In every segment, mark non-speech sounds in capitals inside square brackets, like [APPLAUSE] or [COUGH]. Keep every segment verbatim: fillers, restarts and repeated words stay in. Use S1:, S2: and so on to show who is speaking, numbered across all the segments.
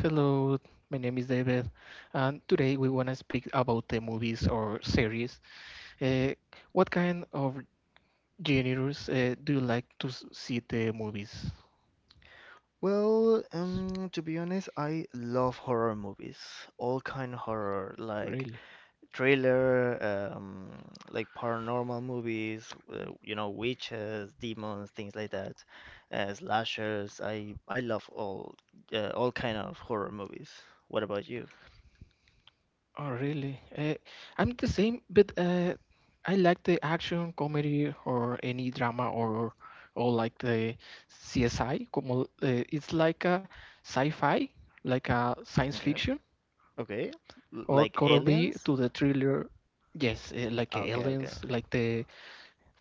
S1: Hello, my name is David, and today we want to speak about the movies or series. Uh, what kind of genres uh, do you like to s- see the movies?
S2: Well, um, to be honest, I love horror movies. All kind of horror, like
S1: Really?
S2: thriller, um, like paranormal movies, uh, you know, witches, demons, things like that, uh, slashers. I I love all uh, all kind of horror movies. What about you?
S1: Oh, really? Uh, I'm the same, but uh, I like the action, comedy, or any drama, or or like the C S I. Como, uh, it's like a sci-fi, like a science
S2: Okay.
S1: fiction.
S2: Okay. L-
S1: Or
S2: like
S1: could it be
S2: aliens?
S1: to the thriller? Yes, eh, like eh,
S2: Okay, okay.
S1: aliens, like the.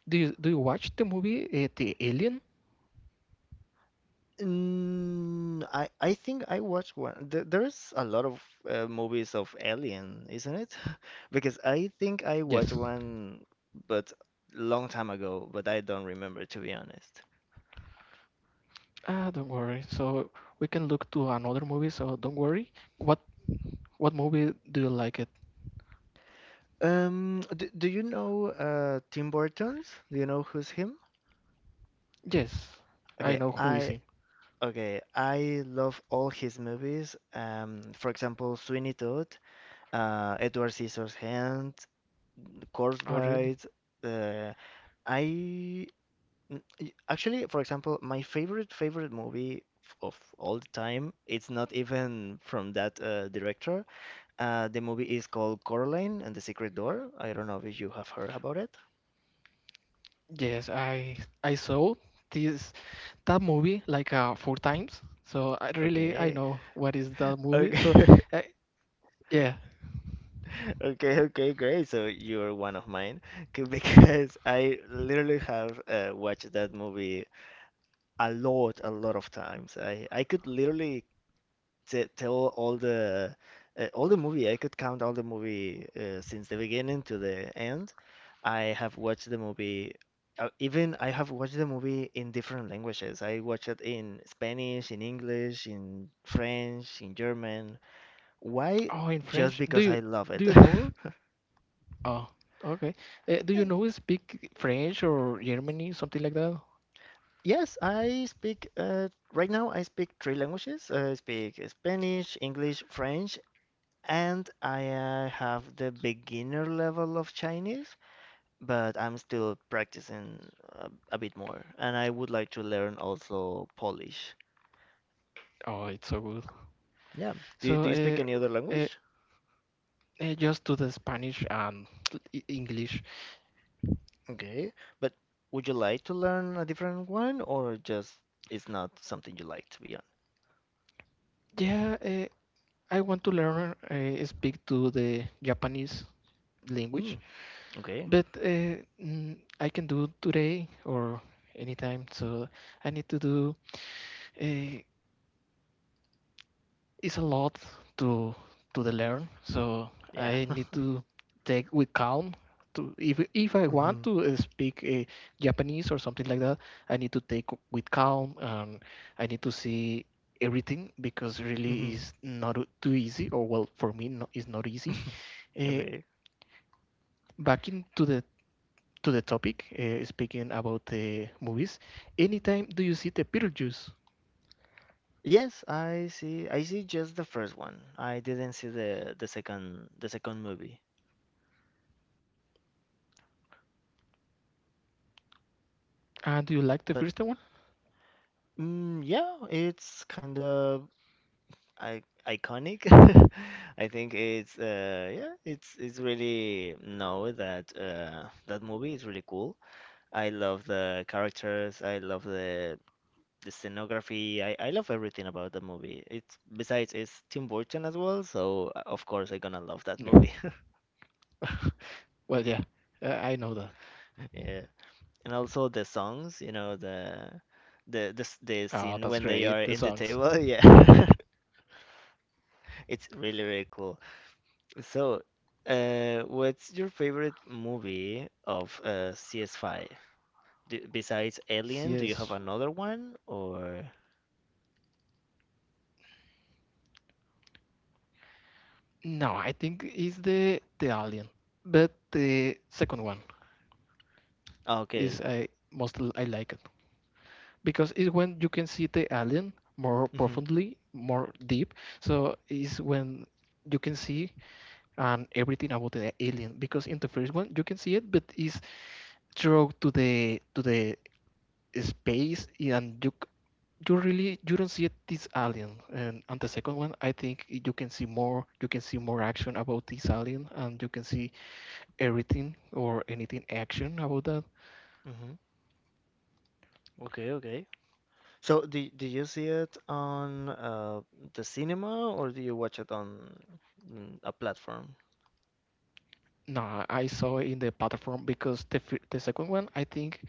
S1: Do you do you watch the movie uh, The Alien?
S2: Mm, I I think I watched one. There, there's a lot of uh, movies of Alien, isn't it? [LAUGHS] Because I think I watched
S1: Yes.
S2: one, but long time ago. But I don't remember to be honest.
S1: Ah, don't worry. So we can look to another movie. So don't worry. What what movie do you like it?
S2: Um, do, do you know uh Tim Burton's? Do you know who's him?
S1: Yes, I
S2: Okay,
S1: know who is
S2: I
S1: him.
S2: okay, I love all his movies. Um, for example, Sweeney Todd, uh, Edward Scissorhands, Corpse
S1: Oh, really?
S2: Bride. Uh, I Mm, Actually, for example, my favorite favorite movie f- of all the time, it's not even from that uh, director. Uh, the movie is called Coraline and the Secret Door. I don't know if you have heard about it.
S1: Yes, I I saw this that movie like uh, four times. So I really I
S2: Okay.
S1: know what is that movie. So
S2: Okay. [LAUGHS]
S1: uh, yeah.
S2: Okay, okay, great. So you're one of mine. [LAUGHS] 'Kay, because I literally have uh, watched that movie a lot, a lot of times. I I could literally t tell all the uh, all the movie. I could count all the movie uh, since the beginning to the end. I have watched the movie. Uh, even I have watched the movie in different languages. I watched it in Spanish, in English, in French, in German. Why?
S1: Oh, in
S2: Just
S1: French. Do
S2: because
S1: you
S2: I love
S1: do
S2: it.
S1: you know?
S2: [LAUGHS]
S1: Oh, okay. Uh, do
S2: Uh,
S1: you know speak French or Germany, something like that?
S2: Yes, I speak uh, right now I speak three languages. I speak Spanish, English, French, and I uh, have the beginner level of Chinese, but I'm still practicing a, a bit more, and I would like to learn also Polish.
S1: Oh, it's so good.
S2: Yeah. Do you,
S1: So,
S2: do you speak any other
S1: uh, uh,
S2: language?
S1: uh, just to the Spanish and [TSK] English.
S2: Okay. But would you like to learn a different one, or just it's not something you like to be on?
S1: Yeah, uh, I want to learn uh, speak to the Japanese
S2: Hmm.
S1: language,
S2: Okay.
S1: but uh, mm, I can do today or anytime. So I need to do. Uh, it's a lot to to the learn. So
S2: Yeah.
S1: I need
S2: [LAUGHS]
S1: to take with calm. To if if I want
S2: Mm-hmm.
S1: to uh, speak uh, Japanese or something like that, I need to take with calm and I need to see everything because
S2: Mm-hmm.
S1: really is not o- too easy. Or well, for me, no, it's not easy.
S2: [LAUGHS]
S1: Uh,
S2: Okay.
S1: Back into the to the topic, uh, speaking about the movies. Anytime do you see the Beetlejuice?
S2: Yes, I see. I see just the first one. I didn't see the the second the second movie.
S1: And do you like the
S2: But
S1: first one?
S2: mm, yeah, it's kind of I iconic. [LAUGHS] I think it's uh yeah, it's it's really no that uh that movie is really cool. I love the characters, I love the the scenography. I I love everything about the movie. It's besides it's Tim Burton as well, so uh, of course I'm gonna love that
S1: Yeah.
S2: movie. [LAUGHS]
S1: [LAUGHS] Well, yeah, uh, I know that.
S2: Yeah. And also the songs, you know, the the the s- the
S1: Oh,
S2: scene
S1: that's
S2: when they
S1: great.
S2: are
S1: The
S2: in the
S1: songs.
S2: table, [LAUGHS] yeah. [LAUGHS] It's really really cool. So, uh, what's your favorite movie of uh, C S five? Do, besides Alien, do you have
S1: Yes.
S2: another one or?
S1: No, I think it's the the Alien, but the second one
S2: Oh, okay.
S1: is I most l- I like it because it's when you can see the alien more
S2: Hmm.
S1: profoundly, more deep. So it's when you can see and everything about the alien because in the first one you can see it, but it's through to the to the space and you you really you don't see this alien. And on the second one I think you can see more. You can see more action about this alien and you can see everything or anything action about that.
S2: Hmm. Okay, okay. So, do, do you see it on uh, the cinema or do you watch it on mm, a platform?
S1: No, I saw it in the platform because the, fir- the second one I think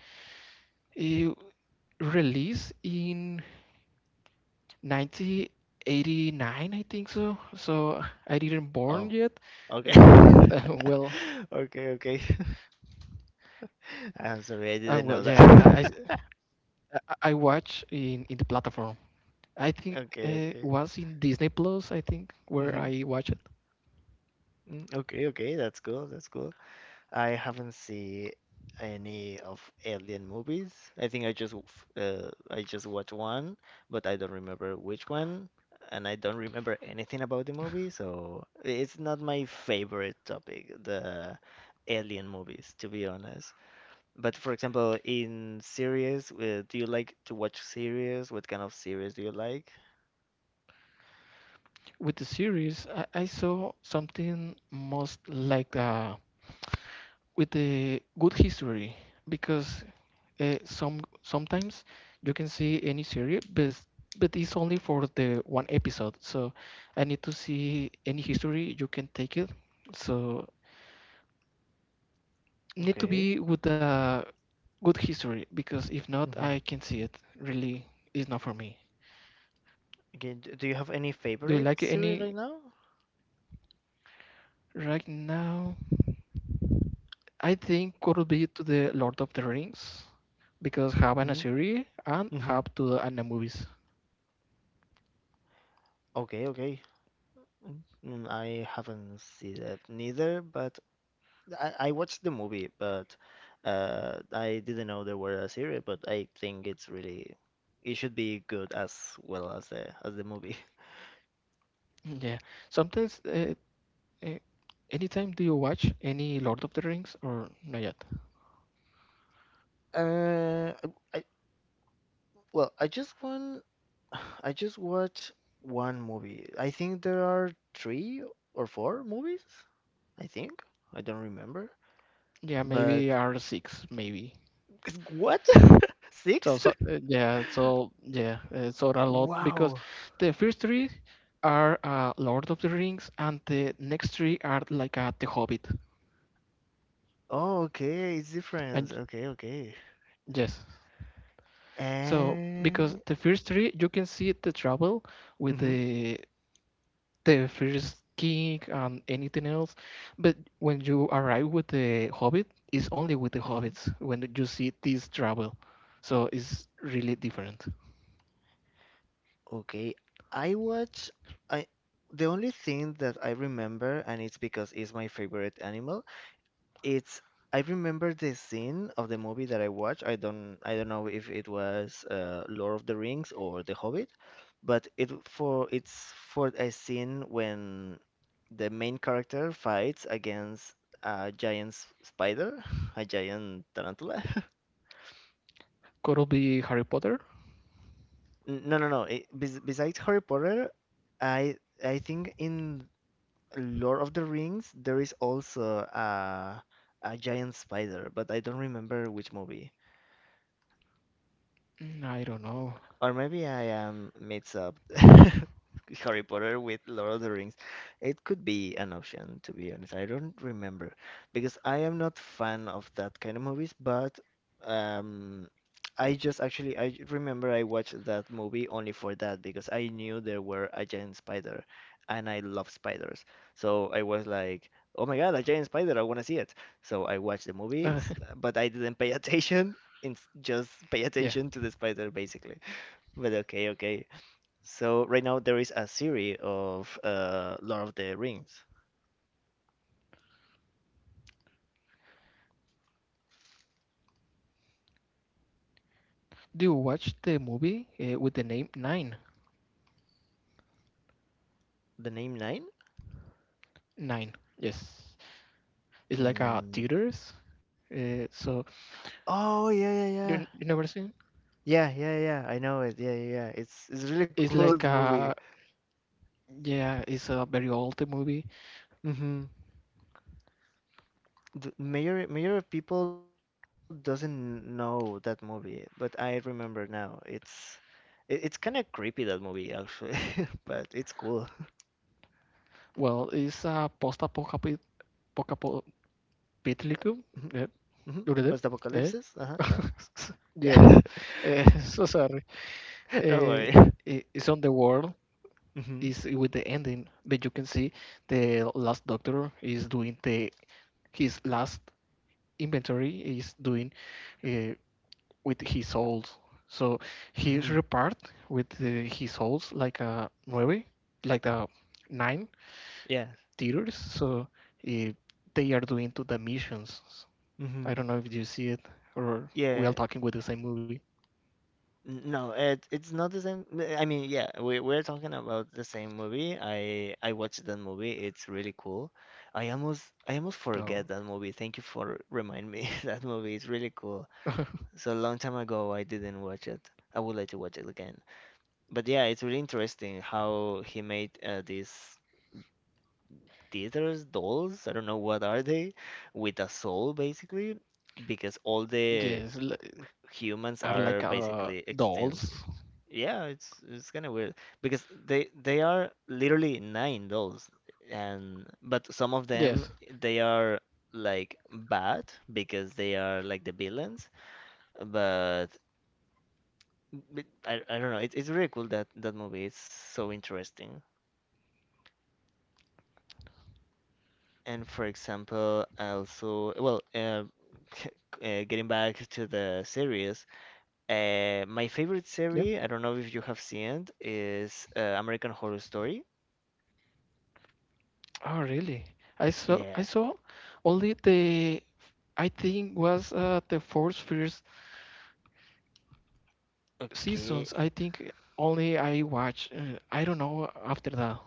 S1: it released in nineteen eighty-nine I think so. So I didn't born
S2: Oh,
S1: yet. Uh,
S2: okay. [LAUGHS]
S1: uh, [LAUGHS] well,
S2: Okay, okay. [LAUGHS] I'm sorry, I
S1: uh,
S2: didn't
S1: well,
S2: know
S1: yeah,
S2: that.
S1: i i,
S2: [LAUGHS]
S1: I watch in in the platform. I think
S2: Okay,
S1: it
S2: okay.
S1: was in Disney Plus, I think, where
S2: Hmm.
S1: I watched it.
S2: Okay, okay. That's cool. That's cool. I haven't seen any of Alien movies. I think I just w- f- uh, I just watched one, but I don't remember which one, and I don't remember anything about the movie, so it's not my favorite topic, the Alien movies, to be honest. But for example, in series, uh, do you like to watch series? What kind of series do you like?
S1: With the series, I, I saw something most like uh, with the good history because uh, some sometimes you can see any series, but but it's only for the one episode. So I need to see any history you can take it. So need to
S2: Okay.
S1: be with a good history because if not,
S2: Hmm.
S1: I can see it. Really, it's not for me.
S2: Okay, d- do you have any
S1: Do you
S2: favorite
S1: like
S2: series
S1: any?
S2: right now?
S1: Right now, I think could be to the Lord of the Rings because have an a series and
S2: Mm-hmm.
S1: have to the anime movies.
S2: Okay, okay. Mm, mm, I haven't seen it neither, but I, I watched the movie, but uh, I didn't know there were a series, but I think it's really it should be good as well as the as the movie. [LAUGHS]
S1: Yeah, sometimes uh, uh, anytime do you watch any Lord of the Rings or not yet?
S2: Uh, I, well, I just want [SIGHS] I just watched one movie. I think there are three or four movies, I think. I don't remember.
S1: Yeah,
S2: But
S1: maybe R six maybe.
S2: [LAUGHS] what? [LAUGHS]
S1: So
S2: Six? [LAUGHS]
S1: so uh, yeah, so yeah, uh, so a lot because
S2: Wow.
S1: the first three are uh, Lord of the Rings and the next three are like uh, The Hobbit.
S2: Oh, okay, it's different.
S1: And
S2: Okay, okay.
S1: yes, so because
S2: And
S1: the first three, you can see the trouble with
S2: hmm.
S1: the the first king and anything else, but when you arrive with the Hobbit, it's only with the
S2: Hmm.
S1: hobbits when you see this trouble. So it's really different.
S2: Okay, I watch I the only thing that I remember, and it's because it's my favorite animal, it's I remember the scene of the movie that I watched. I don't I don't know if it was uh, Lord of the Rings or The Hobbit, but it for it's for a scene when the main character fights against a giant s- spider, [LAUGHS] a giant tarantula. [LAUGHS]
S1: Could it be Harry Potter?
S2: N- No, no, no. eh, bes- besides Harry Potter, I I think in Lord of the Rings there is also a a giant spider, but I don't remember which movie.
S1: Mm, I don't know.
S2: Or maybe I am mix up [LAUGHS] Harry Potter with Lord of the Rings. It could be an option, to be honest. I don't remember because I am not fan of that kind of movies, but um, I just actually I remember I watched that movie only for that because I knew there were a giant spider and I love spiders. So I was like, "Oh my God, a giant spider! I want to see it." So I watched the
S1: Uh,
S2: movies, but I didn't pay [LAUGHS] attention. It's just pay
S1: [LAUGHS] yeah.
S2: attention to the spider, basically. But okay, okay. So right now there is a series of uh Lord of the Rings.
S1: Do you watch the movie uh, with the name Nine?
S2: The name Nine?
S1: Nine. Yes. It's like a
S2: Mm.
S1: theaters. Uh, so
S2: Oh yeah, yeah,
S1: you,
S2: yeah.
S1: you never seen?
S2: Yeah, yeah, yeah. I know it. Yeah, yeah, yeah. It's it's really [LAUGHS]
S1: It's
S2: cool that
S1: like
S2: movie.
S1: a. Yeah, it's a very old movie.
S2: Mm-hmm. The major major of people doesn't know that movie, but I remember now. It's it, it's kind of creepy that movie actually, [LAUGHS] but it's cool.
S1: Well, it's a post-apocalyptic,
S2: [LAUGHS]
S1: yeah,
S2: Mm-hmm.
S1: do it, eh?
S2: Post-apocalypse? Uh-huh. Yeah.
S1: [LAUGHS]
S2: Yeah.
S1: Yes. Eh, [LAUGHS] so sorry.
S2: [LAUGHS] Don't
S1: Eh,
S2: worry.
S1: i- it's on the world.
S2: Mm-hmm.
S1: Is with the ending, but you can see the last doctor is doing the his last inventory is doing uh, with his souls. So he's
S2: Mm-hmm.
S1: repaired with uh, his souls like a nueve, like a nine
S2: Yeah.
S1: theaters, so eh, they are doing to the missions. I
S2: Mm-hmm.
S1: don't know if you see it or we are
S2: Yeah,
S1: talking with the same movie.
S2: n- no, it it's not the same. n- I mean, yeah, we we're talking about the same movie. I I watched that movie. It's really cool. I almost I almost
S1: Oh,
S2: forget that movie. Thank you for remind me. [LAUGHS] That movie is really cool.
S1: [LAUGHS]
S2: So a long time ago, I didn't watch it. I would like to watch it again. But yeah, it's really interesting how he made uh, these theaters dolls. I don't know what are they, with a soul basically, because all the
S1: yes, l-
S2: humans
S1: are like
S2: are
S1: uh,
S2: basically extinct.
S1: dolls.
S2: Yeah, it's it's kind of weird because they they are literally nine dolls, and but some of them
S1: Yes,
S2: they are like bad because they are like the villains. But, but I I don't know. It's it's really cool that that movie is so interesting. And for example, also well, uh, [LAUGHS] uh, getting back to the series. Uh, my favorite
S1: yeah.
S2: series, I don't know if you have seen it, is uh, American Horror Story.
S1: Oh, really? I saw I
S2: Yeah.
S1: saw only the I think was uh, the fourth first seasons.
S2: Okay.
S1: I think only I watch. Uh, I don't know after that.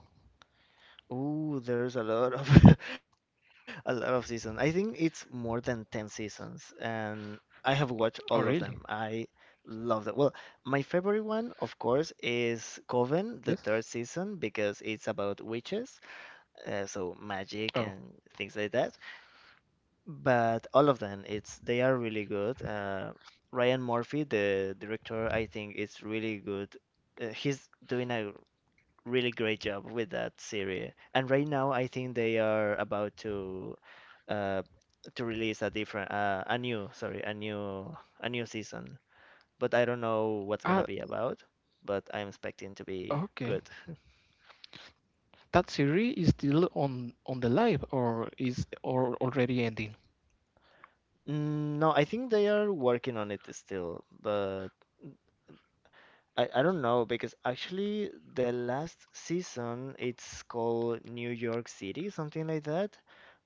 S2: Ooh, there's a lot of [LAUGHS] a lot of seasons. I think it's more than ten seasons, and I have watched all of them.
S1: Oh, really?
S2: I love that. Well, my favorite one, of course, is Coven, the third
S1: Yes.
S2: season, because it's about witches, uh, so magic
S1: Oh.
S2: and things like that. But all of them, it's they are really good. Uh, Ryan Murphy, the director, I think is really good. Uh, he's doing a really great job with that series. And right now, I think they are about to uh, to release a different, uh, a new, sorry, a new, a new season. But I don't know what's gonna
S1: Ah,
S2: be about. But I'm expecting to be
S1: okay.
S2: good. [LAUGHS]
S1: That series is still on on the live or is or already ending?
S2: Mm, no, I think they are working on it still, but. I, I don't know because actually the last season it's called New York City, something like that,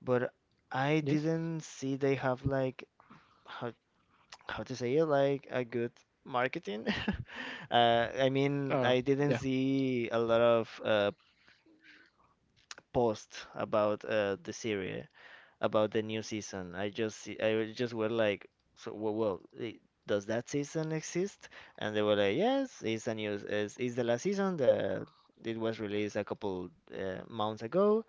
S2: but I
S1: Yes.
S2: didn't see they have like how how to say it like a good marketing. [LAUGHS] uh, I mean,
S1: Uh,
S2: I didn't
S1: yeah.
S2: see a lot of uh, posts about uh, the series about the new season. I just see- I was- just were like, so well, well, i- does that season exist? And they were like, yes, it's a new, it's, it's the last season that it was released a couple uh, months ago.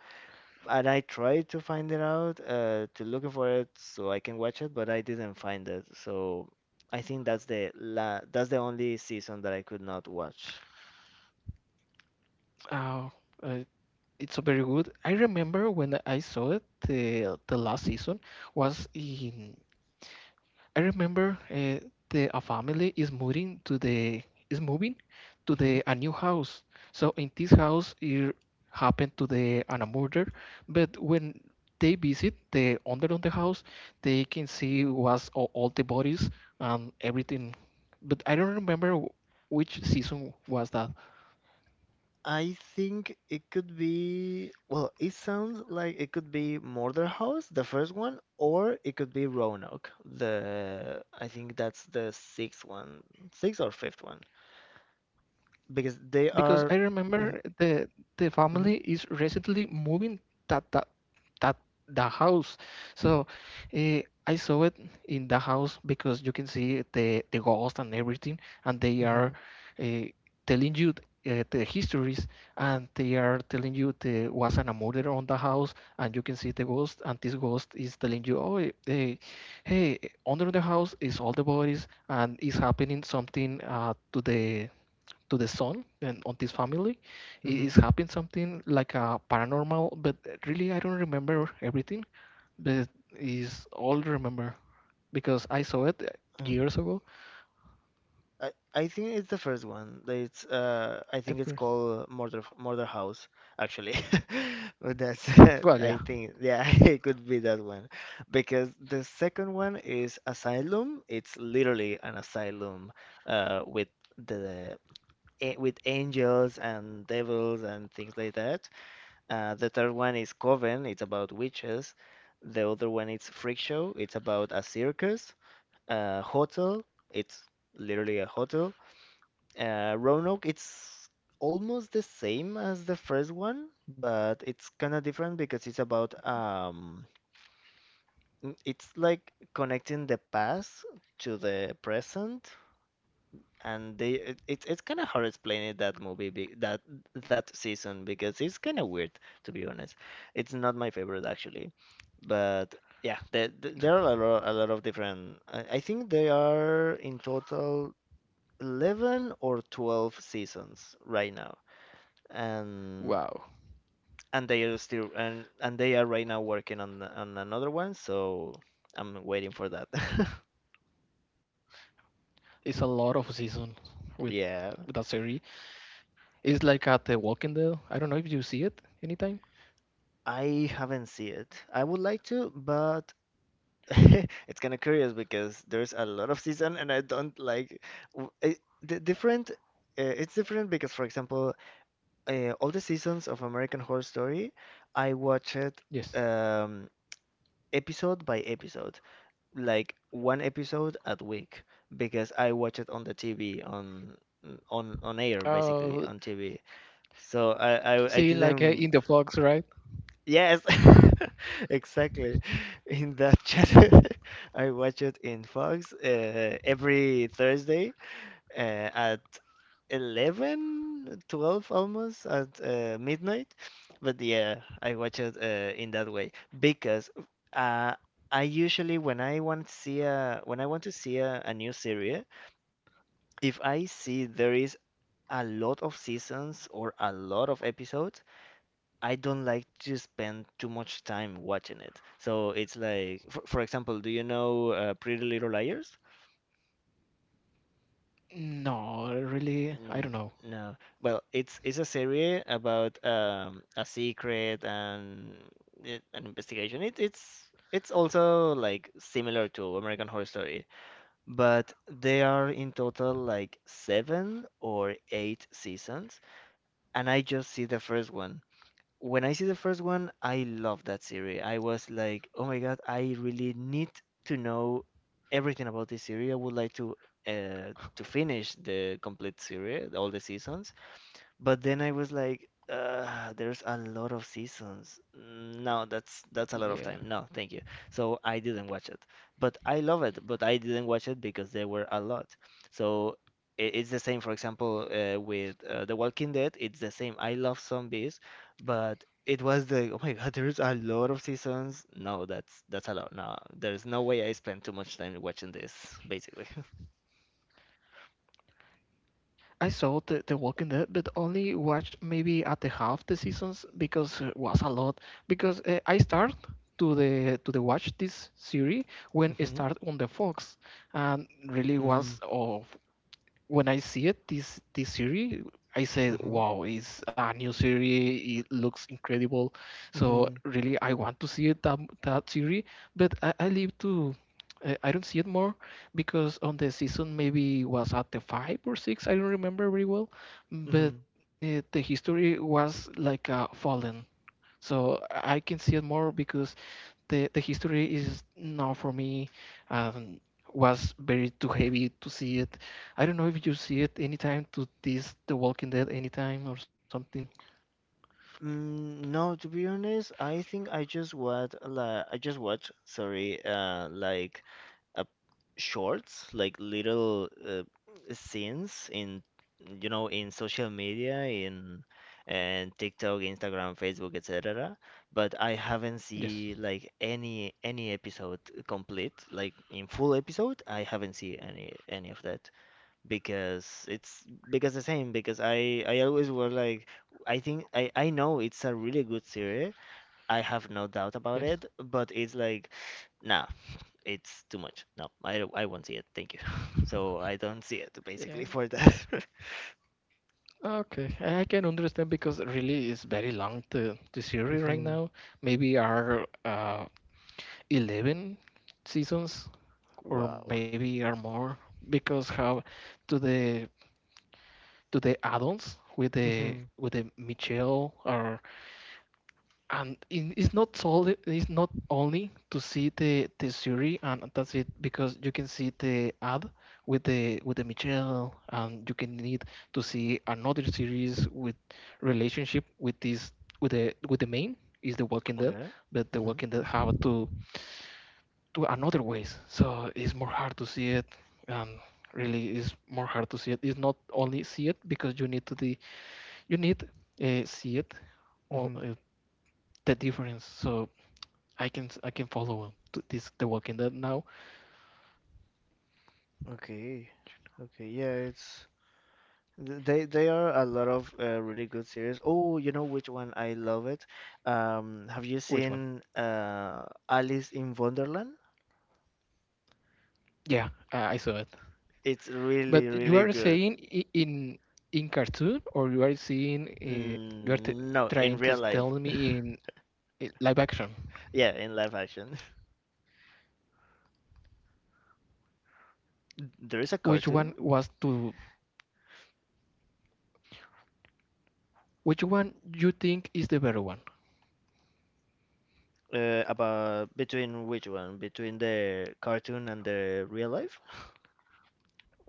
S2: And I tried to find it out, uh, to looking for it so I can watch it, but I didn't find it. So I think that's the la that's the only season that I could not watch.
S1: Uh, uh, it's so very good. I remember when I saw it, the the last season was in. I remember uh, the a family is moving to the is moving to the a new house. So in this house it happened to the an a murder, but when they visit the under on the house, they can see was all, all the bodies and everything. But I don't remember wh- which season was that.
S2: I think it could be, well, it sounds like it could be Murder House, the first one, or it could be Roanoke, the, I think that's the sixth one, sixth or fifth one, because they
S1: Because I
S2: are, mm-hmm,
S1: remember the the family is recently moving that that that the house. So uh, I saw it in the house because you can see the the ghost and everything, and they
S2: mm-hmm,
S1: are uh, telling you uh, the histories, and they are telling you there was an murder on the house, and you can see the ghost, and this ghost is telling you, oh, hey, hey, under the house is all the bodies, and is happening something uh, to the to the son and on this family
S2: mm-hmm,
S1: i-
S2: mm-hmm.
S1: is happening something like a paranormal, but really I don't remember everything, but is all remember because I saw it years ago.
S2: I, I think it's the first one. That It's uh I
S1: The
S2: think it's
S1: first.
S2: called Murder Murder House actually. [LAUGHS] But that's
S1: Well,
S2: [LAUGHS] I
S1: yeah.
S2: think yeah [LAUGHS] it could be that one because the second one is Asylum. It's literally an asylum uh with the eh, with angels and devils and things like that. Uh, the third one is Coven. It's about witches. The other one is Freak Show. It's about a circus. Uh, hotel. It's literally a hotel, uh, Roanoke. It's almost the same as the first one, but it's kind of different because it's about um, n- it's like connecting the past to the present, and they it, it's it's kind of hard explaining that movie be, that that season because it's kind of weird, to be honest. It's not my favorite actually, but yeah, there, there there are a lot, a lot of different. I, I think there are in total eleven or twelve seasons right now, and
S1: Wow.
S2: and they are still, and and they are right now working on on another one, so I'm waiting for that. [LAUGHS]
S1: It's a lot of seasons with,
S2: Yeah,
S1: with that series. It's like at the walking dead, I don't know if you see it anytime.
S2: I haven't seen it. I would like to, but [LAUGHS] it's kind of curious because there's a lot of season, and I don't like. W- it, the different, uh, it's different because, for example, uh, all the seasons of American Horror Story, I watch it
S1: Yes.
S2: um episode by episode, like one episode a week, because I watch it on the T V, on on on air, basically,
S1: Uh,
S2: on T V. So I I, I
S1: seeing like uh,
S2: didn't.
S1: in the fox, right?
S2: Yes, [LAUGHS] exactly, in that channel. [LAUGHS] I watch it in Fox uh, every Thursday, uh, at Eleven, twelve, almost at uh, midnight. But yeah, I watch it uh, in that way because uh, I usually, when I want to see a, when I want to see a, a new series, if I see there is a lot of seasons or a lot of episodes, I don't like to spend too much time watching it. So it's like, for, for example, do you know uh, Pretty Little Liars?
S1: No, really, I don't
S2: N-
S1: know.
S2: No. Well, it's it's a series about um a secret and i- an investigation. It it's it's also like similar to American Horror Story, but they are in total like seven or eight seasons, and I just see the first one. When I see the first one, I love that series. I was like, "Oh my God, I really need to know everything about this series. I would like to uh to finish the complete series, all the seasons." But then I was like, uh, there's a lot of seasons. No, that's that's a lot of
S1: Yeah.
S2: time. No, thank you. So I didn't watch it. But I love it, but I didn't watch it because there were a lot. So i- it's the same, for example, uh, with uh, The Walking Dead, it's the same. I love zombies, but it was the, oh my God, there's a lot of seasons. No, that's that's a lot. No, there's no way I spent too much time watching this, basically.
S1: I saw the, the Walking Dead, but only watched maybe at the half the seasons because it was a lot. Because uh, I start to the to the watch this series when it started
S2: [LAUGHS]
S1: on the Fox, and really
S2: Mm-hmm.
S1: was of when I see it, this this series, I said,
S2: Mm-hmm.
S1: "Wow, it's a new series. It looks incredible." So really, I want to see it that that series, but I, I live to. I I don't see it more because on the season maybe was at the five or six. I don't remember very well, but
S2: Mm-hmm.
S1: uh, the history was like a fallen. So I can see it more because the the history is now for me um, was very too heavy to see it. I don't know if you see it anytime to this The Walking Dead anytime or something.
S2: Mm, no, to be honest, I think I just watch like I just watch, sorry, uh, like uh, shorts, like little uh, scenes in, you know, in social media, in and TikTok, Instagram, Facebook, et cetera. But I haven't
S1: Yes,
S2: seen like any any episode complete, like in full episode. I haven't seen any any of that because it's, because the same, because I I always was like, I think I I know it's a really good series. I have no doubt about
S1: yes.
S2: it, but it's like nah, it's too much. No, I don't- I won't see it. Thank you. [LAUGHS] So I don't see it
S1: Yeah.
S2: basically for that.
S1: Okay, I I can understand because really it's very long the the series
S2: [LAUGHS]
S1: right
S2: Hmm.
S1: now. Maybe are uh, eleven seasons or
S2: Wow.
S1: maybe are more because how to the to the add-ons with the
S2: Hmm.
S1: with the Michelle or. And in, it's not solely, it's not only to see the the series and that's it, because you can see the ad with the with the Michelle and you can need to see another series with relationship with this with the with the main is the Walking Dead.
S2: Okay.
S1: But the
S2: Hmm.
S1: Walking Dead have to do another ways, so it's more hard to see it. And really it's more hard to see it, it's not only see it because you need to the you need uh, see it all
S2: Hmm.
S1: uh, the difference. So I can I can follow this The Walking Dead now.
S2: Okay. Okay. Yeah, it's. Th- They they are a lot of uh, really good series. Oh, you know which one I love it? Um, have you
S1: Which one?
S2: seen uh, Alice in Wonderland?
S1: Yeah, I saw it.
S2: It's really
S1: But you
S2: really
S1: are
S2: good.
S1: saying in in cartoon, or you are seeing uh, you are t
S2: Mm, no, in
S1: trying to
S2: real
S1: tell
S2: life. [LAUGHS]
S1: me in uh, live action.
S2: Yeah, in live action. [LAUGHS] There is a
S1: Which one
S2: cartoon
S1: was to which one you think is the better one?
S2: uh, about. Between which one? Between the cartoon and the real life? [LAUGHS]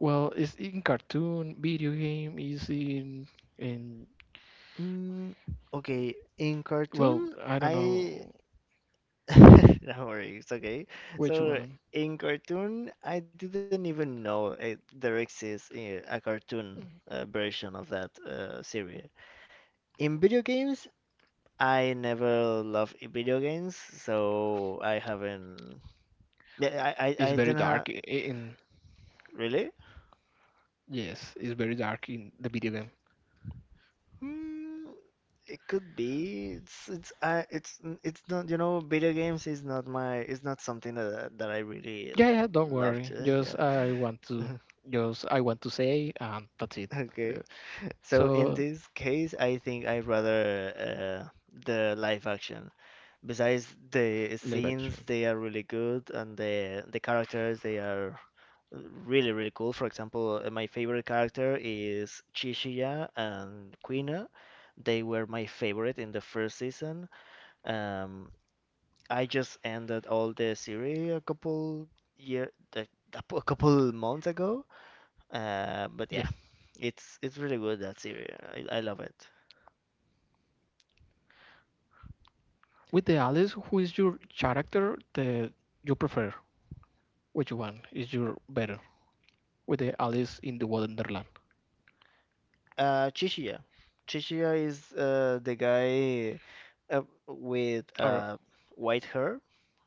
S1: Well, it's in cartoon, video game, is in in
S2: Mm, okay, in
S1: well,
S2: cartoon,
S1: I don't
S2: I
S1: know
S2: [LAUGHS] No worries, okay.
S1: which
S2: So
S1: one
S2: in cartoon, I didn't even know it, there exists a, a cartoon uh, version of that uh, series. In video games, I never loved i- video games, so I haven't. Yeah, I, I,
S1: is
S2: I don't
S1: very
S2: have.
S1: dark i- in.
S2: Really?
S1: Yes, it's very dark in the video game.
S2: Hmm, it could be. It's it's I it's n- It's not. You know, video games is not my. It's not something that that I really
S1: Yeah, yeah, don't
S2: loved.
S1: worry.
S2: Uh,
S1: Just I want to
S2: yeah. [LAUGHS]
S1: just I want to say and that's it.
S2: Okay.
S1: Uh,
S2: So in
S1: so
S2: this case, I think I rather uh, the live action. Besides the
S1: live
S2: scenes,
S1: action.
S2: they are really good, and the the characters they are really really cool. For example, uh, my favorite character is Chichiya and Quina. They were my favorite in the first season. Um, I just ended all the series a couple year, like, a couple months ago. Uh, but yeah,
S1: Yes.
S2: it's it's really good that series. I, I love it.
S1: With the Alice, who is your character that you prefer? Which one is your better? With the Alice in the Wonderland.
S2: Uh, Chichiya. Chichiya is uh, the guy uh, with
S1: Or
S2: uh, white hair.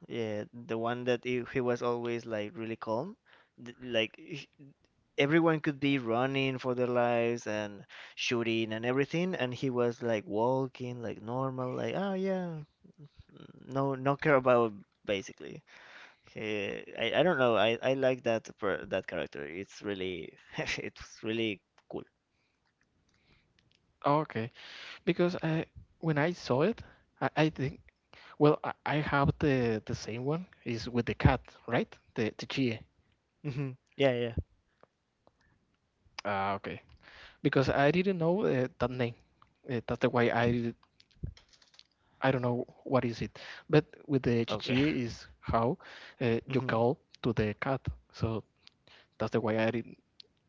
S2: Yeah, the one that he, he was always like really calm. Th- Like h- Everyone could be running for their lives and shooting and everything, and he was like walking like normal, like oh yeah, no no care about, basically. He, I, I don't know. I, I like that per, that character. It's really [LAUGHS] it's really cool.
S1: okay. Because I when I saw it, I, I think well I, I have the the same one is with the cat, right? The the Chie.
S2: Hmm. Yeah, yeah.
S1: Ah, okay. Because I didn't know uh, that name. Uh, that's the why I I don't know what is it, but with the
S2: Okay.
S1: chichi
S2: [LAUGHS]
S1: is how uh, you
S2: Hmm.
S1: call to the cat. So that's the way I didn't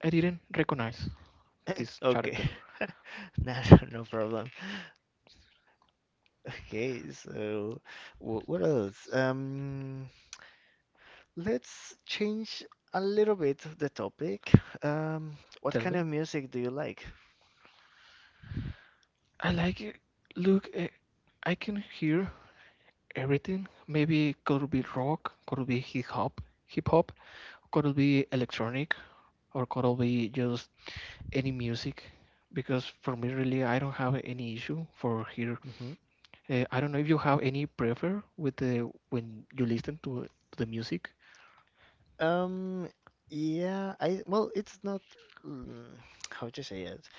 S1: I didn't recognize
S2: [LAUGHS]
S1: this
S2: Okay.
S1: character.
S2: [LAUGHS] No, no no problem. Okay, so wh- what else? Um, let's change a little bit the topic. Um, what
S1: Tell
S2: kind
S1: me,
S2: of music do you like?
S1: I like it. Look, eh, I can hear everything. Maybe could be rock, could be hip hop, hip hop, could be electronic, or could be just any music. Because for me, really, I don't have any issue for hear.
S2: Hmm.
S1: Uh, I don't know if you have any prefer with the when you listen to the music.
S2: Um, yeah, I well, it's not mm, how to say it.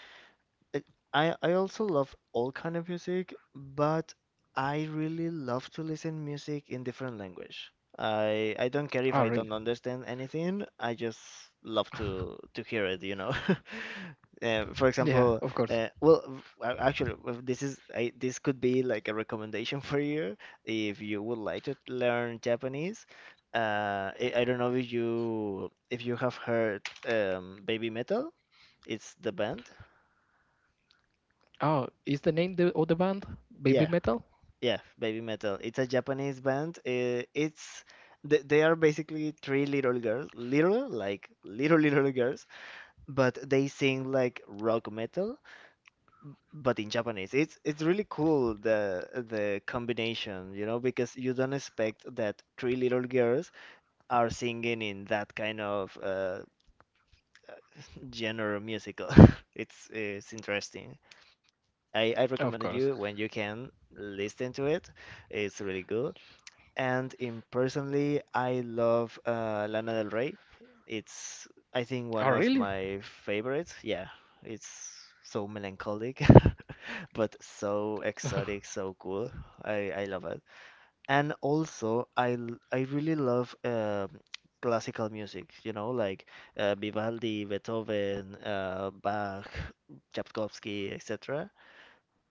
S2: Like, I I also love all kind of music, but I really love to listen music in different language. I I don't care if
S1: Oh,
S2: I
S1: really?
S2: don't understand anything. I just love to to hear it, you know. [LAUGHS] Uh, for
S1: Yeah,
S2: example,
S1: of course.
S2: uh, well, v- a- actually, well, this is I, this could be like a recommendation [LAUGHS] for you if you would like to learn Japanese. Uh, I, I don't know if you if you have heard um, Baby Metal. It's the band.
S1: Oh, is the name the, of the band Baby
S2: Yeah.
S1: Metal?
S2: Yeah, Baby Metal. It's a Japanese band. Uh, It's th- they are basically three little girls, little like little little girls, but they sing like rock metal, but in Japanese. It's it's really cool, the the combination, you know, because you don't expect that three little girls are singing in that kind of uh, genre musical. [LAUGHS] It's it's interesting. I I recommend you,
S1: Of
S2: when you
S1: course.
S2: can, listen to it. It's really good. And in personally, I love uh, Lana Del Rey. It's, I think,
S1: Oh,
S2: one of
S1: really?
S2: my favorites. Yeah, it's so melancholic, [LAUGHS] but so exotic,
S1: [LAUGHS]
S2: so cool. I, I love it. And also, I l- I really love um classical music. You know, like uh, Vivaldi, Beethoven, uh, Bach, Tchaikovsky, etc.,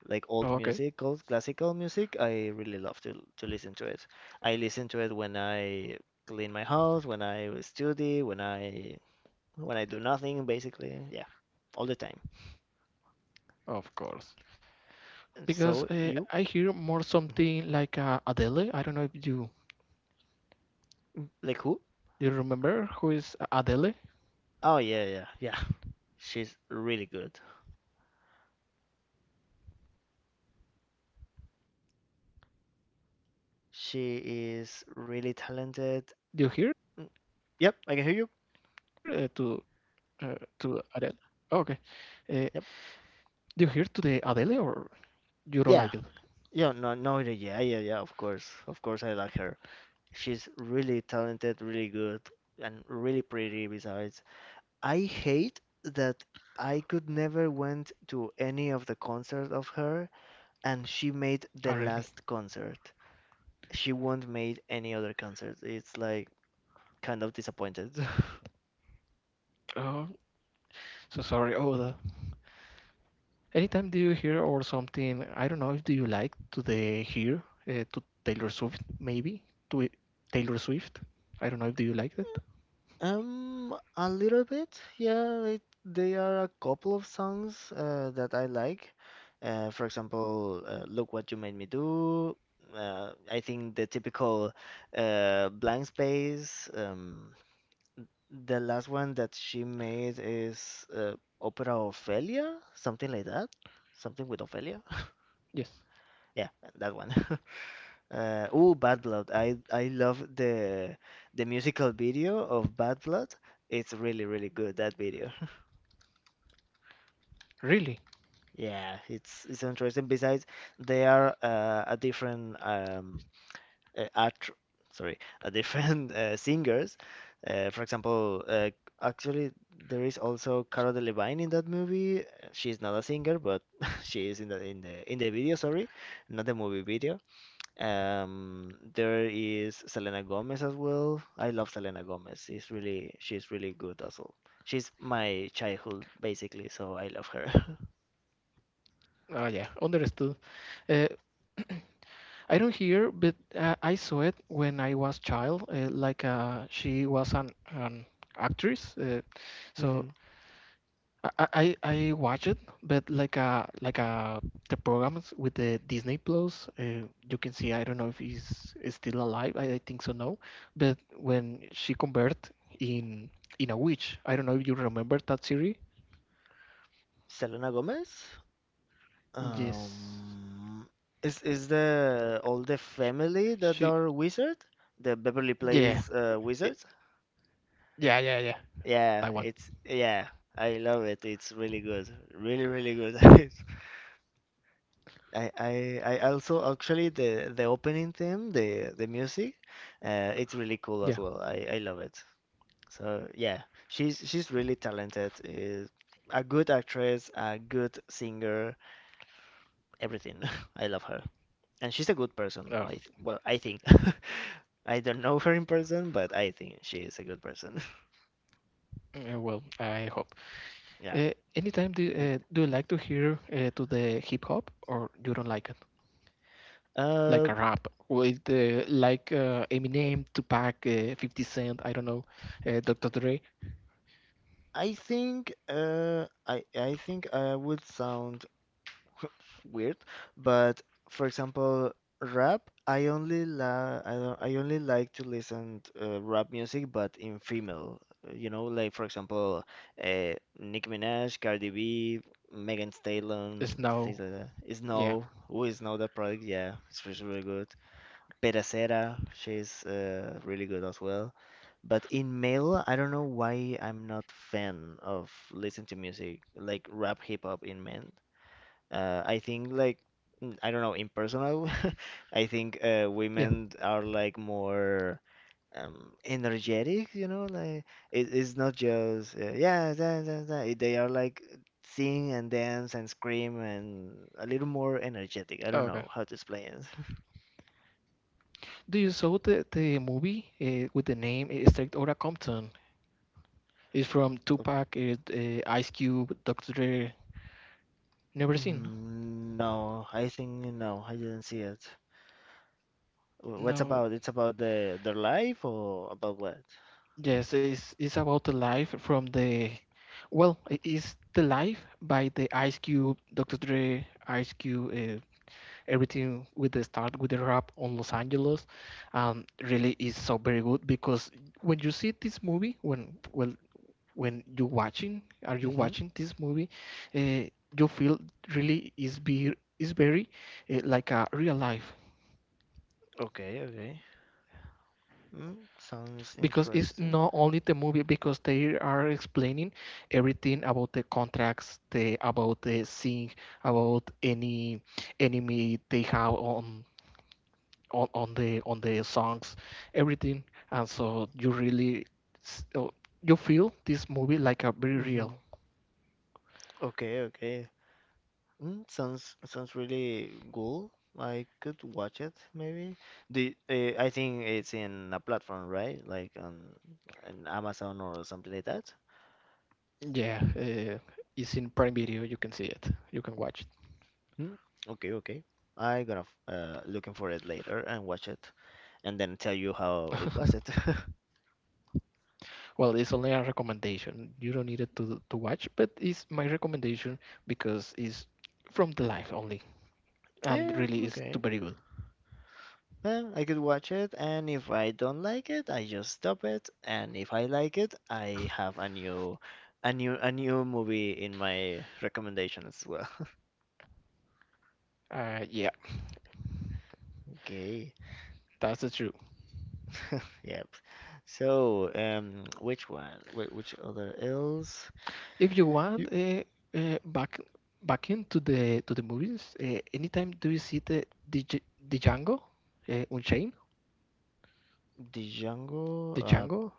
S2: like old
S1: Oh, okay.
S2: music, old classical music. I really love to to listen to it. I listen to it when I clean my house, when I study, when I when I do nothing, basically. Yeah, all the time.
S1: Of course. Because
S2: So
S1: uh,
S2: you
S1: I hear more something like uh, Adele. I don't know if you
S2: like who?
S1: you remember who is Adele.
S2: Oh yeah, yeah, yeah. [LAUGHS] She's really good. She is really talented.
S1: Do you hear uh,
S2: Mm,
S1: to
S2: yep, I can hear you.
S1: uh, to Adele? Oh, okay. Uh, do
S2: Yep.
S1: you hear to the Adele or you don't like it?
S2: Yeah. Yeah, no, no, yeah, yeah, yeah, yeah, of course. Of course I like her. She's really talented, really good, and really pretty besides. I hate that I could never went to any of the concerts of her, and she made the
S1: Oh, really?
S2: last concert. She won't made any other concert. It's like kind of disappointed. [LAUGHS]
S1: Oh, so sorry. Oh, the. Anytime do you hear or something, I don't know if do you like to the hear uh, to Taylor Swift maybe to it- Taylor Swift. I don't know if do you like that.
S2: Um, a little bit, yeah. It, there are a couple of songs uh, that I like. Uh, for example, uh, "Look What You Made Me Do." Uh, I think the typical uh, "Blank Space." Um, the last one that she made is uh, Opera Ophelia, something like that, something with Ophelia.
S1: Yes.
S2: Yeah, that one. [LAUGHS] Uh, ooh, Bad Blood. I I love the the musical video of Bad Blood. It's really really good that video. [LAUGHS]
S1: Really?
S2: Yeah, it's it's interesting. Besides, they are uh, a different um, uh, act sorry [LAUGHS] uh, different uh, singers, uh, for example, uh, actually, there is also Cara Delevingne in that movie. Uh, she's not a singer, but [LAUGHS] she is in the in the in the video, sorry, not the movie, video. Um, there is Selena Gomez as well. I love Selena Gomez. She's really she's really good as well. She's my childhood, basically, so I love her.
S1: Oh yeah, understood. Uh, I don't hear, but uh, I saw it when I was child. Uh, like uh, she was an, an actress, uh,
S2: [LAUGHS]
S1: so
S2: Hmm.
S1: I I, I I watch it, but like uh like uh the programs with the Disney Plus, uh, you can see. I don't know if he's is still alive. I, I think so. No, but when she convert in in a witch, I don't know if you remember that series.
S2: Selena Gomez.
S1: Yes,
S2: Um, is is the all the family that
S1: she.
S2: are wizard? The Beverly
S1: Yeah,
S2: Place uh,
S1: i-
S2: wizards?
S1: yeah, yeah, yeah.
S2: Yeah,
S1: That one.
S2: it's yeah, I love it. It's really good, really really good. [LAUGHS] I I I also, actually, the the opening theme, the the music, uh, it's really cool as
S1: Yeah.
S2: well. I I love it. So yeah, she's she's really talented. Uh, a good actress, a good singer, everything. [LAUGHS] I love her. And she's a good person.
S1: Oh,
S2: I th- well, I think. [LAUGHS] I don't know her in person, but I think she is a good person. [LAUGHS]
S1: uh, well, I hope.
S2: Yeah.
S1: Uh, anytime do
S2: And,
S1: uh, do you like to hear uh, to the hip hop or you don't like it? Like
S2: uh,
S1: a rap with uh, like uh, Eminem, Tupac, uh, fifty Cent, I don't know, uh, doctor Dre
S2: I think uh, I I think I would sound weird, but for example, rap, I only la I don't, I only like to listen to, uh, rap music, but in female. You know, like for example, uh, Nicki Minaj, Cardi B, Megan
S1: is
S2: Stallion,
S1: now,
S2: things like that.
S1: yeah.
S2: Snow, who is Snow that product? Yeah, it's really really good. Pedacera, she's uh, really good as well. But in male, I don't know why I'm not fan of listening to music like rap, hip hop in men. Uh, I think like mm, I don't know, in personal, [LAUGHS] I think uh,
S1: Yeah.
S2: women are like more um, energetic, you know, like it, it's not just uh, yeah, da, da, da. It- They are like sing and dance and scream and a little more energetic. I don't
S1: Okay.
S2: know how to explain it.
S1: Do you saw the the movie uh, with the name uh, Straight Outta Compton? It's from
S2: [LAUGHS]
S1: Tupac, it, uh, Ice Cube, doctor Dre. Never seen?
S2: Mm, no, I think no, I didn't see it. Wh- What's
S1: No. No.
S2: about? It's about the their life or about what?
S1: Yes, it's it's about the life from the, well, it is the life by the Ice Cube, doctor Dre, Ice Cube, uh, everything with the start with the rap on Los Angeles. Um, really is so very good because when you see this movie, when, well, when you watching are you
S2: Mm-hmm.
S1: watching this movie, uh, you feel really is be is very uh, like a real life,
S2: Okay, okay. Mm, sounds
S1: because it's
S2: interesting.
S1: not only the movie, because they are explaining everything about the contracts, the about the thing, about any enemy they have on on, on the on the songs, everything, and so you really s- uh, you feel this movie like a very real.
S2: Okay, okay. Mm, sounds sounds really cool. I could watch it maybe. The uh, I think it's in a platform, right? Like on an Amazon or something like that.
S1: Yeah, uh, it's in Prime Video. You can see it. You can watch it.
S2: Mm, okay, okay. I gonna f- uh looking for it later and watch it and then tell you how it was
S1: [LAUGHS]
S2: it. [LAUGHS]
S1: Well, it's only a recommendation. You don't need it to to watch, but it's my recommendation, because it's from the life only, and
S2: Eh,
S1: really is
S2: okay.
S1: too very good.
S2: Well, I could watch it, and if I don't like it, I just stop it, and if I like it, I have a new a new a new movie in my recommendation as well.
S1: Uh, yeah,
S2: Okay.
S1: that's the truth.
S2: Yep. So, um, which one? Wait, which other else?
S1: If you want,
S2: You,
S1: uh, uh, back back into the to the movies. Uh, anytime do you see the the, Django uh, Unchained? The
S2: Django? Uh,
S1: Django?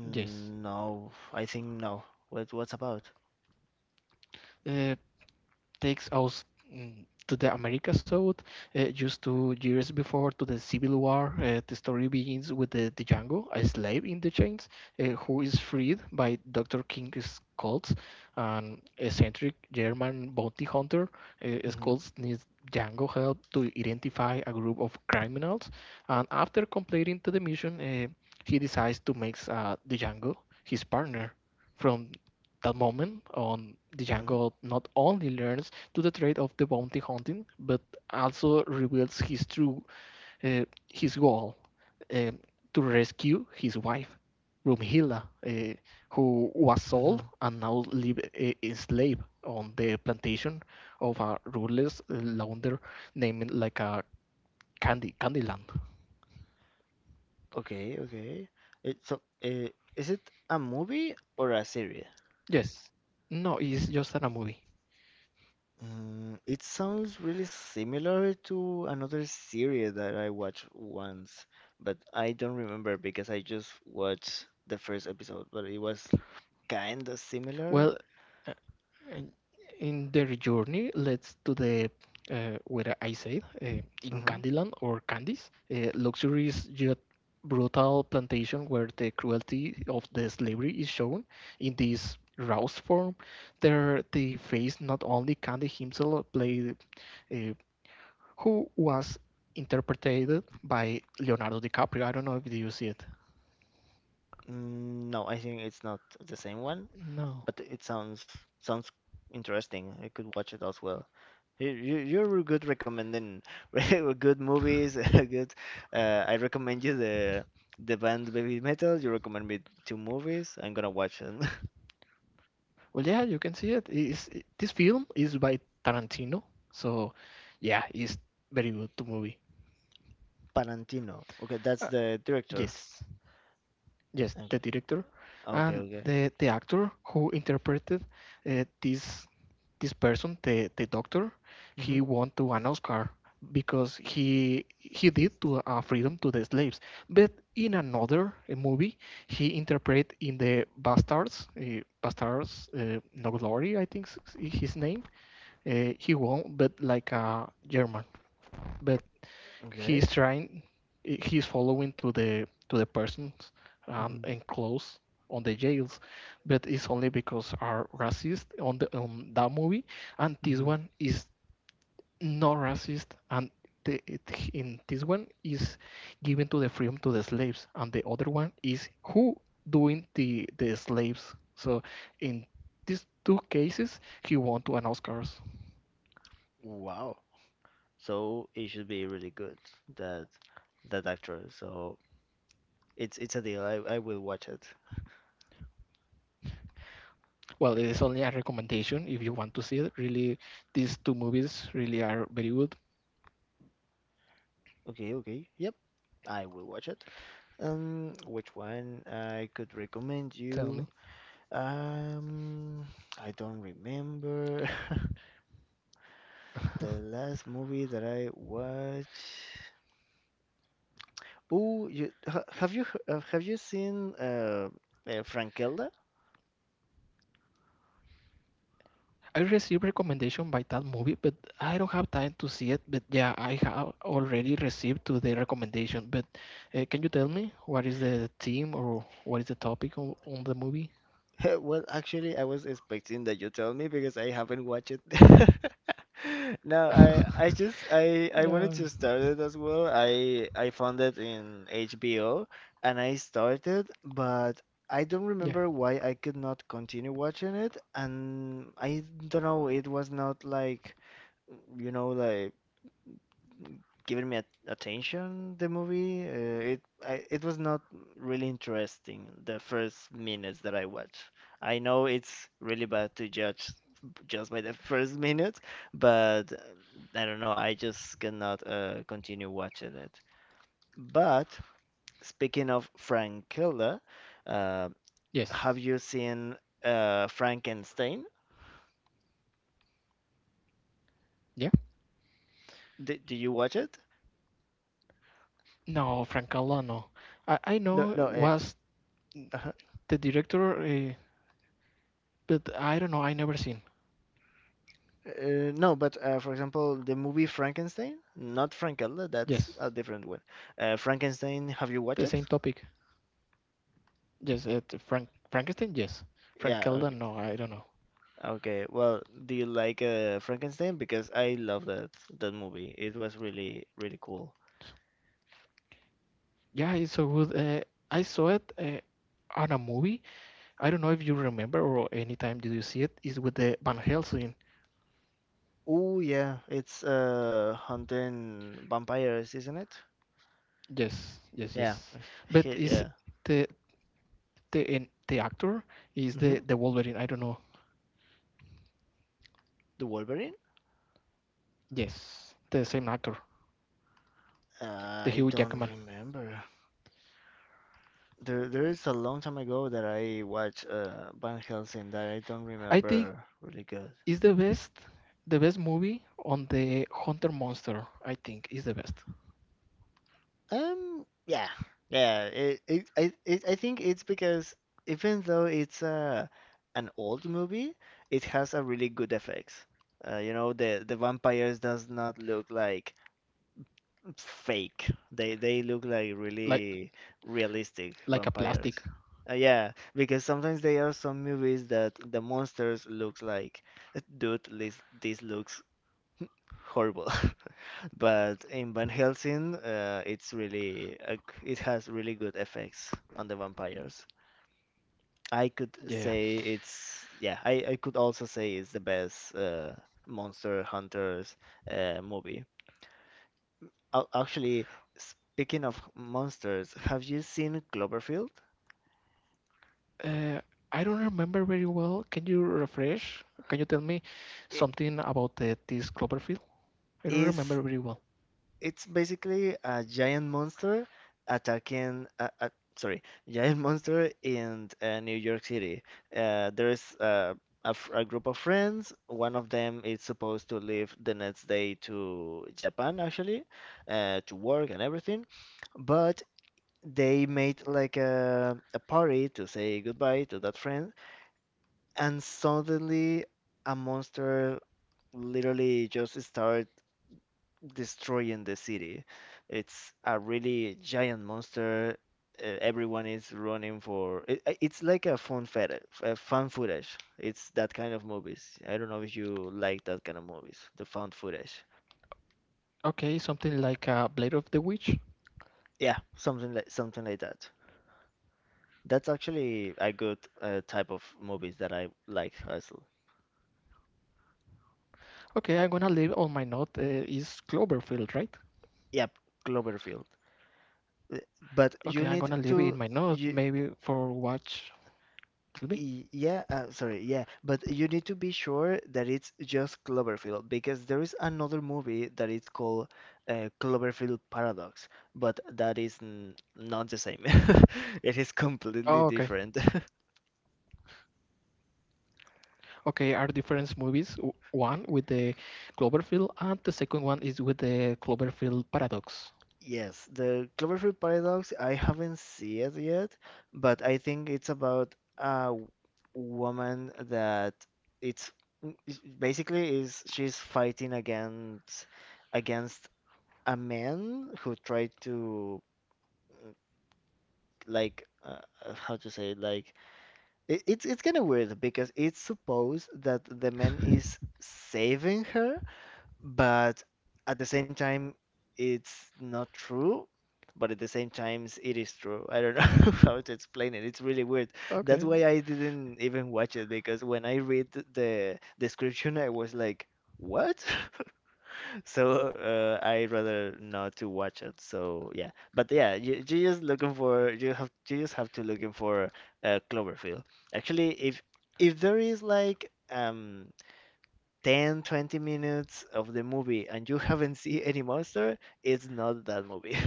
S1: Yes.
S2: mm, no. I think no. What, what's about?
S1: Uh, takes us mm, to the America South, uh, just two years before to the Civil War. Uh, the story begins with the the Django, a slave in the chains, uh, who is freed by doctor King's Colts, an eccentric German bounty hunter. Uh,
S2: Hmm.
S1: Skulls needs Django help to identify a group of criminals, and after completing the mission, uh, he decides to make uh, the Django his partner. From that moment on,
S2: Hmm.
S1: Django not only learns to the trade of the bounty hunting, but also reveals his true uh, his goal, um, to rescue his wife, Rumhilda, uh, who was sold
S2: Hmm.
S1: and now live uh, enslaved on the plantation of a ruthless uh, launder named like a Candy Candyland.
S2: Okay, okay. It, so, uh, is it a movie or a series?
S1: Yes, no, it's just a movie.
S2: Mm, it sounds really similar to another series that I watched once, but I don't remember because I just watched the first episode, but it was kind of similar.
S1: Well, and in their journey leads to the, uh, where I said, uh, in
S2: Mhm.
S1: Candyland or Candies, uh, luxurious yet brutal plantation where the cruelty of the slavery is shown in this roused form. There they face not only Candy himself, played, uh, who was interpreted by Leonardo DiCaprio. I don't know if you see it.
S2: Mm, no, I think it's not the same one,
S1: No.
S2: but it sounds sounds interesting. I could watch it as well. You, you, you're good recommending [LAUGHS] re- good movies. [LAUGHS] Good. Uh, I recommend you the the band Baby Metal. You recommend me two movies. I'm gonna watch them. [LAUGHS]
S1: Well, yeah, you can see it. It's, it- this film is by Tarantino, so yeah, it's very good to movie.
S2: Tarantino. Okay, that's
S1: Uh,
S2: the director.
S1: yes, yes, the
S2: Okay.
S1: director
S2: Okay.
S1: and
S2: Okay.
S1: the the actor who interpreted uh, this this person, the the doctor,
S2: Hmm.
S1: he won to an Oscar because he he did to uh, freedom to the slaves. But in another uh, movie, he interpreted in the Bastards, uh, Bastards, uh, No Glory, I think is his name. Uh, he won't, but like a German. But
S2: Okay.
S1: he's trying, he- he's following to the to the persons, um,
S2: Hmm.
S1: and close on the jails, but it's only because are racist on the on that movie, and this
S2: Hmm.
S1: one is not racist, and the, it, in this one is given to the freedom to the slaves, and the other one is who doing the the slaves. So in these two cases, he won two an Oscars.
S2: Wow. So it should be really good that that actor. So. It's it's a deal. I, I will watch it.
S1: Well, it is only a recommendation if you want to see it. Really, these two movies really are very good.
S2: Okay, okay. Yep, I will watch it. Um, which one I could recommend
S1: Tell
S2: you?
S1: me.
S2: Um, I don't remember [LAUGHS]
S1: [LAUGHS]
S2: the last movie that I watched. Oh, you ha, have you he- uh, have you seen uh, uh Frankelda?
S1: I received recommendation by that movie, but I don't have time to see it. But yeah, I have already received to the recommendation. But uh, can you tell me what is the theme or what is the topic on, on the movie?
S2: [LAUGHS] Well, actually, I was expecting that you tell me because I haven't watched it. [LAUGHS] No, I I
S1: [LAUGHS]
S2: just I I wanted
S1: No.
S2: to start it as well. I I found it in H B O and I started, but I don't
S1: Yeah.
S2: remember why I could not continue watching it, and I don't know, it was not like you know like given me at attention the movie. Uh, it I, it was not really interesting the first minutes that I watched. I know it's really bad to judge just by the [LAUGHS] first minutes, but uh, I don't know. I just cannot uh, continue watching it. But speaking of Frankella, uh, have
S1: Yes.
S2: you seen uh, Frankenstein?
S1: Yeah.
S2: Did, did you watch it?
S1: No, Frank Calano. I I
S2: No,
S1: know
S2: no.
S1: was
S2: Uh, [LAUGHS]
S1: the director, uh, but I don't know. I never seen.
S2: Uh, no, but uh, for example, the movie Frankenstein, not Frankella, that's
S1: Yes,
S2: a different one. Uh, Frankenstein, have you watched
S1: the
S2: it?
S1: same topic. Yes, uh, t- Frank Frankenstein. Yes, Frank
S2: Yeah, okay.
S1: Keldon. No, I don't know.
S2: Okay, well, do you like uh, Frankenstein? Because I love that that movie. It was really really cool.
S1: Yeah, it's so good. Uh, I saw it uh, on a movie. I don't know if you remember or anytime did you see it. It's with the Van Helsing.
S2: Oh yeah, it's uh hunting vampires, isn't it?
S1: Yes, yes,
S2: Yeah,
S1: yes.
S2: [LAUGHS]
S1: But
S2: he,
S1: is
S2: yeah.
S1: the the and the actor is
S2: Hmm.
S1: the the Wolverine. I don't know.
S2: The Wolverine?
S1: Yes, the same actor,
S2: Uh,
S1: the
S2: I
S1: Hugh
S2: don't
S1: Jackman.
S2: remember. There, there is a long time ago that I watched uh, Van Helsing that I don't
S1: I think
S2: remember
S1: i-
S2: really
S1: is the
S2: good.
S1: is the best the best movie on the Hunter Monster. I think is the best.
S2: Um, yeah, yeah. It, it, I, it, I think it's because even though it's uh, an old movie, it has a really good effects. Uh, you know, the the vampires does not look like fake. They they look like
S1: Like
S2: really realistic
S1: like a
S2: vampires.
S1: plastic.
S2: Uh, yeah, because sometimes there are some movies that the monsters looks like dude, this, this looks horrible. [LAUGHS] But in Van Helsing, uh, it's really uh, it has really good effects on the vampires. I could
S1: Yeah.
S2: say it's yeah, I, I could also say it's the best uh, Monster Hunters uh, movie. Ac- Actually, speaking of monsters, have you seen Cloverfield?
S1: Uh, I don't remember very well. Can you refresh? Can you tell me
S2: It
S1: something about the, this Cloverfield? I don't
S2: is
S1: remember very well.
S2: It's basically a giant monster attacking. Uh, uh, sorry, [LAUGHS] giant monster in uh, New York City. Uh, there is uh, a, f- a group of friends. One of them is supposed to leave the next day to Japan, actually, uh, to work and everything. But they made like a, a party to say goodbye to that friend, and suddenly a monster literally just start destroying the city. It's a really giant monster. Uh, everyone is running for it, uh, it's like a fun feta- a fan footage. It's that kind of movies. I don't know if you like that kind of movies, the found footage.
S1: Okay, something like uh, Blade of the Witch.
S2: Yeah, something like something like that. That's actually a good uh, type of movies that I like also.
S1: Okay, I'm gonna leave on my note, uh, is Cloverfield, right?
S2: Yep, Cloverfield. Uh, But
S1: Okay,
S2: you
S1: I'm
S2: need
S1: gonna leave it in
S2: to
S1: my note
S2: you
S1: maybe for watch. Tell me.
S2: Y- yeah, uh, sorry, yeah, but you need to be sure that it's just Cloverfield because there is another movie that is called uh, Cloverfield Paradox, but that is n not the same. [LAUGHS] It is completely
S1: Oh, okay.
S2: different. [LAUGHS]
S1: Okay, are different movies. w- One with the Cloverfield, and the second one is with the Cloverfield Paradox.
S2: Yes, the Cloverfield Paradox, I haven't seen it yet, but I think it's about a w- woman that it's it's- basically is she's fighting against against a man who tried to like uh, uh, how to say it, like it, it's it's kind of weird because it's supposed that the man is saving her, but at the same time it's not true. But at the same times, it is true. I don't know [LAUGHS] how to explain it. It's really weird. That's
S1: Okay.
S2: why I didn't even watch it because when I read the description, I was like, "What?" [LAUGHS] So uh, I'd rather not to watch it. So yeah, but yeah, you, you just looking for you have you just have to looking for uh, Cloverfield. Actually, if if there is like um ten twenty minutes of the movie and you [LAUGHS] haven't seen any monster, it's not that movie. [LAUGHS]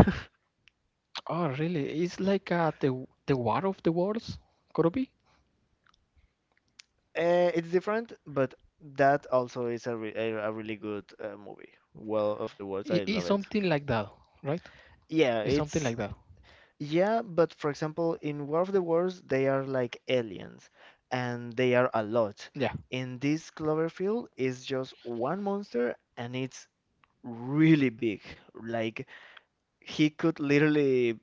S1: Oh, really? It's like uh, the the War of the Worlds, could it be?
S2: Uh, it's different, but that also is a, re a, a really good uh, movie. Well, of the words,
S1: It
S2: I
S1: is
S2: love it.
S1: something like that, right?
S2: Yeah,
S1: It's something like
S2: it's
S1: that.
S2: Yeah, but for example, in War of the Worlds, they are like aliens, and they are a lot.
S1: Yeah.
S2: In this Cloverfield, it's just one monster, and it's really big. Like he could literally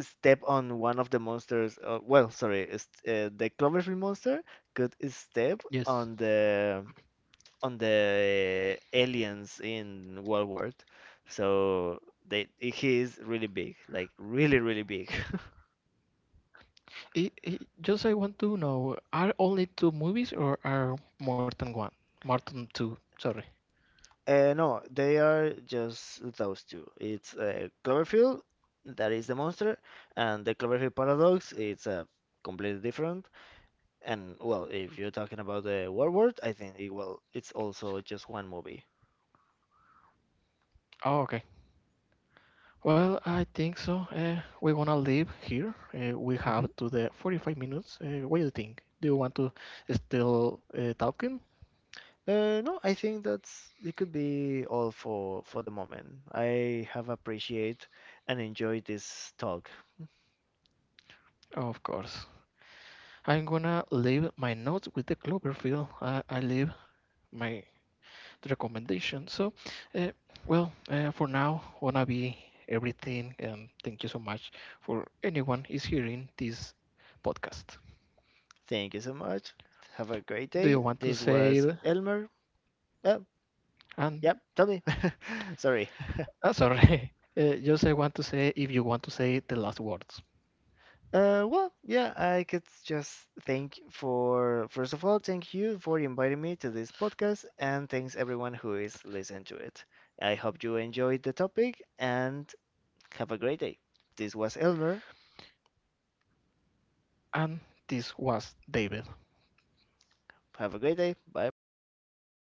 S2: step on one of the monsters. Uh, well, sorry, it's, uh, the Cloverfield monster could step
S1: Yes.
S2: on the on the aliens in World War. So they he is really big, like really, really big.
S1: I i just I want to know: are only two movies, or are more than one? More than two. Sorry.
S2: Uh, no, they are just those two. It's uh, Cloverfield, that is the monster, and the Cloverfield Paradox, it's uh, completely different. And well, if you're talking about the Warlord, I think it, well, it's also just one movie.
S1: Oh, okay. Well, I think so. Uh, we wanna leave here. Uh, we have
S2: Hmm.
S1: to the forty-five minutes. Uh, what do you think? Do you want to still uh, talking?
S2: Uh, no, I think that's it could be all for for the moment. I have appreciated and enjoyed this talk.
S1: Of course. I'm gonna leave my notes with the Cloverfield. I, I leave my recommendation. So, uh, well, uh, for now, wanna be everything, and thank you so much for anyone is hearing this podcast.
S2: Thank you so much. Have a great
S1: Do you
S2: day.
S1: want to
S2: This
S1: say?
S2: was
S1: the-
S2: Elmer. Oh,
S1: And
S2: yep, Tommy. [LAUGHS] Sorry.
S1: uh, sorry, [LAUGHS] uh, just I want to say if you want to say the last words.
S2: Uh, well, yeah, I could just thank for first of all, thank you for inviting me to this podcast, and thanks everyone who is listening to it. I hope you enjoyed the topic and have a great day. This was Elmer.
S1: And this was David.
S2: Have a great day. Bye bye.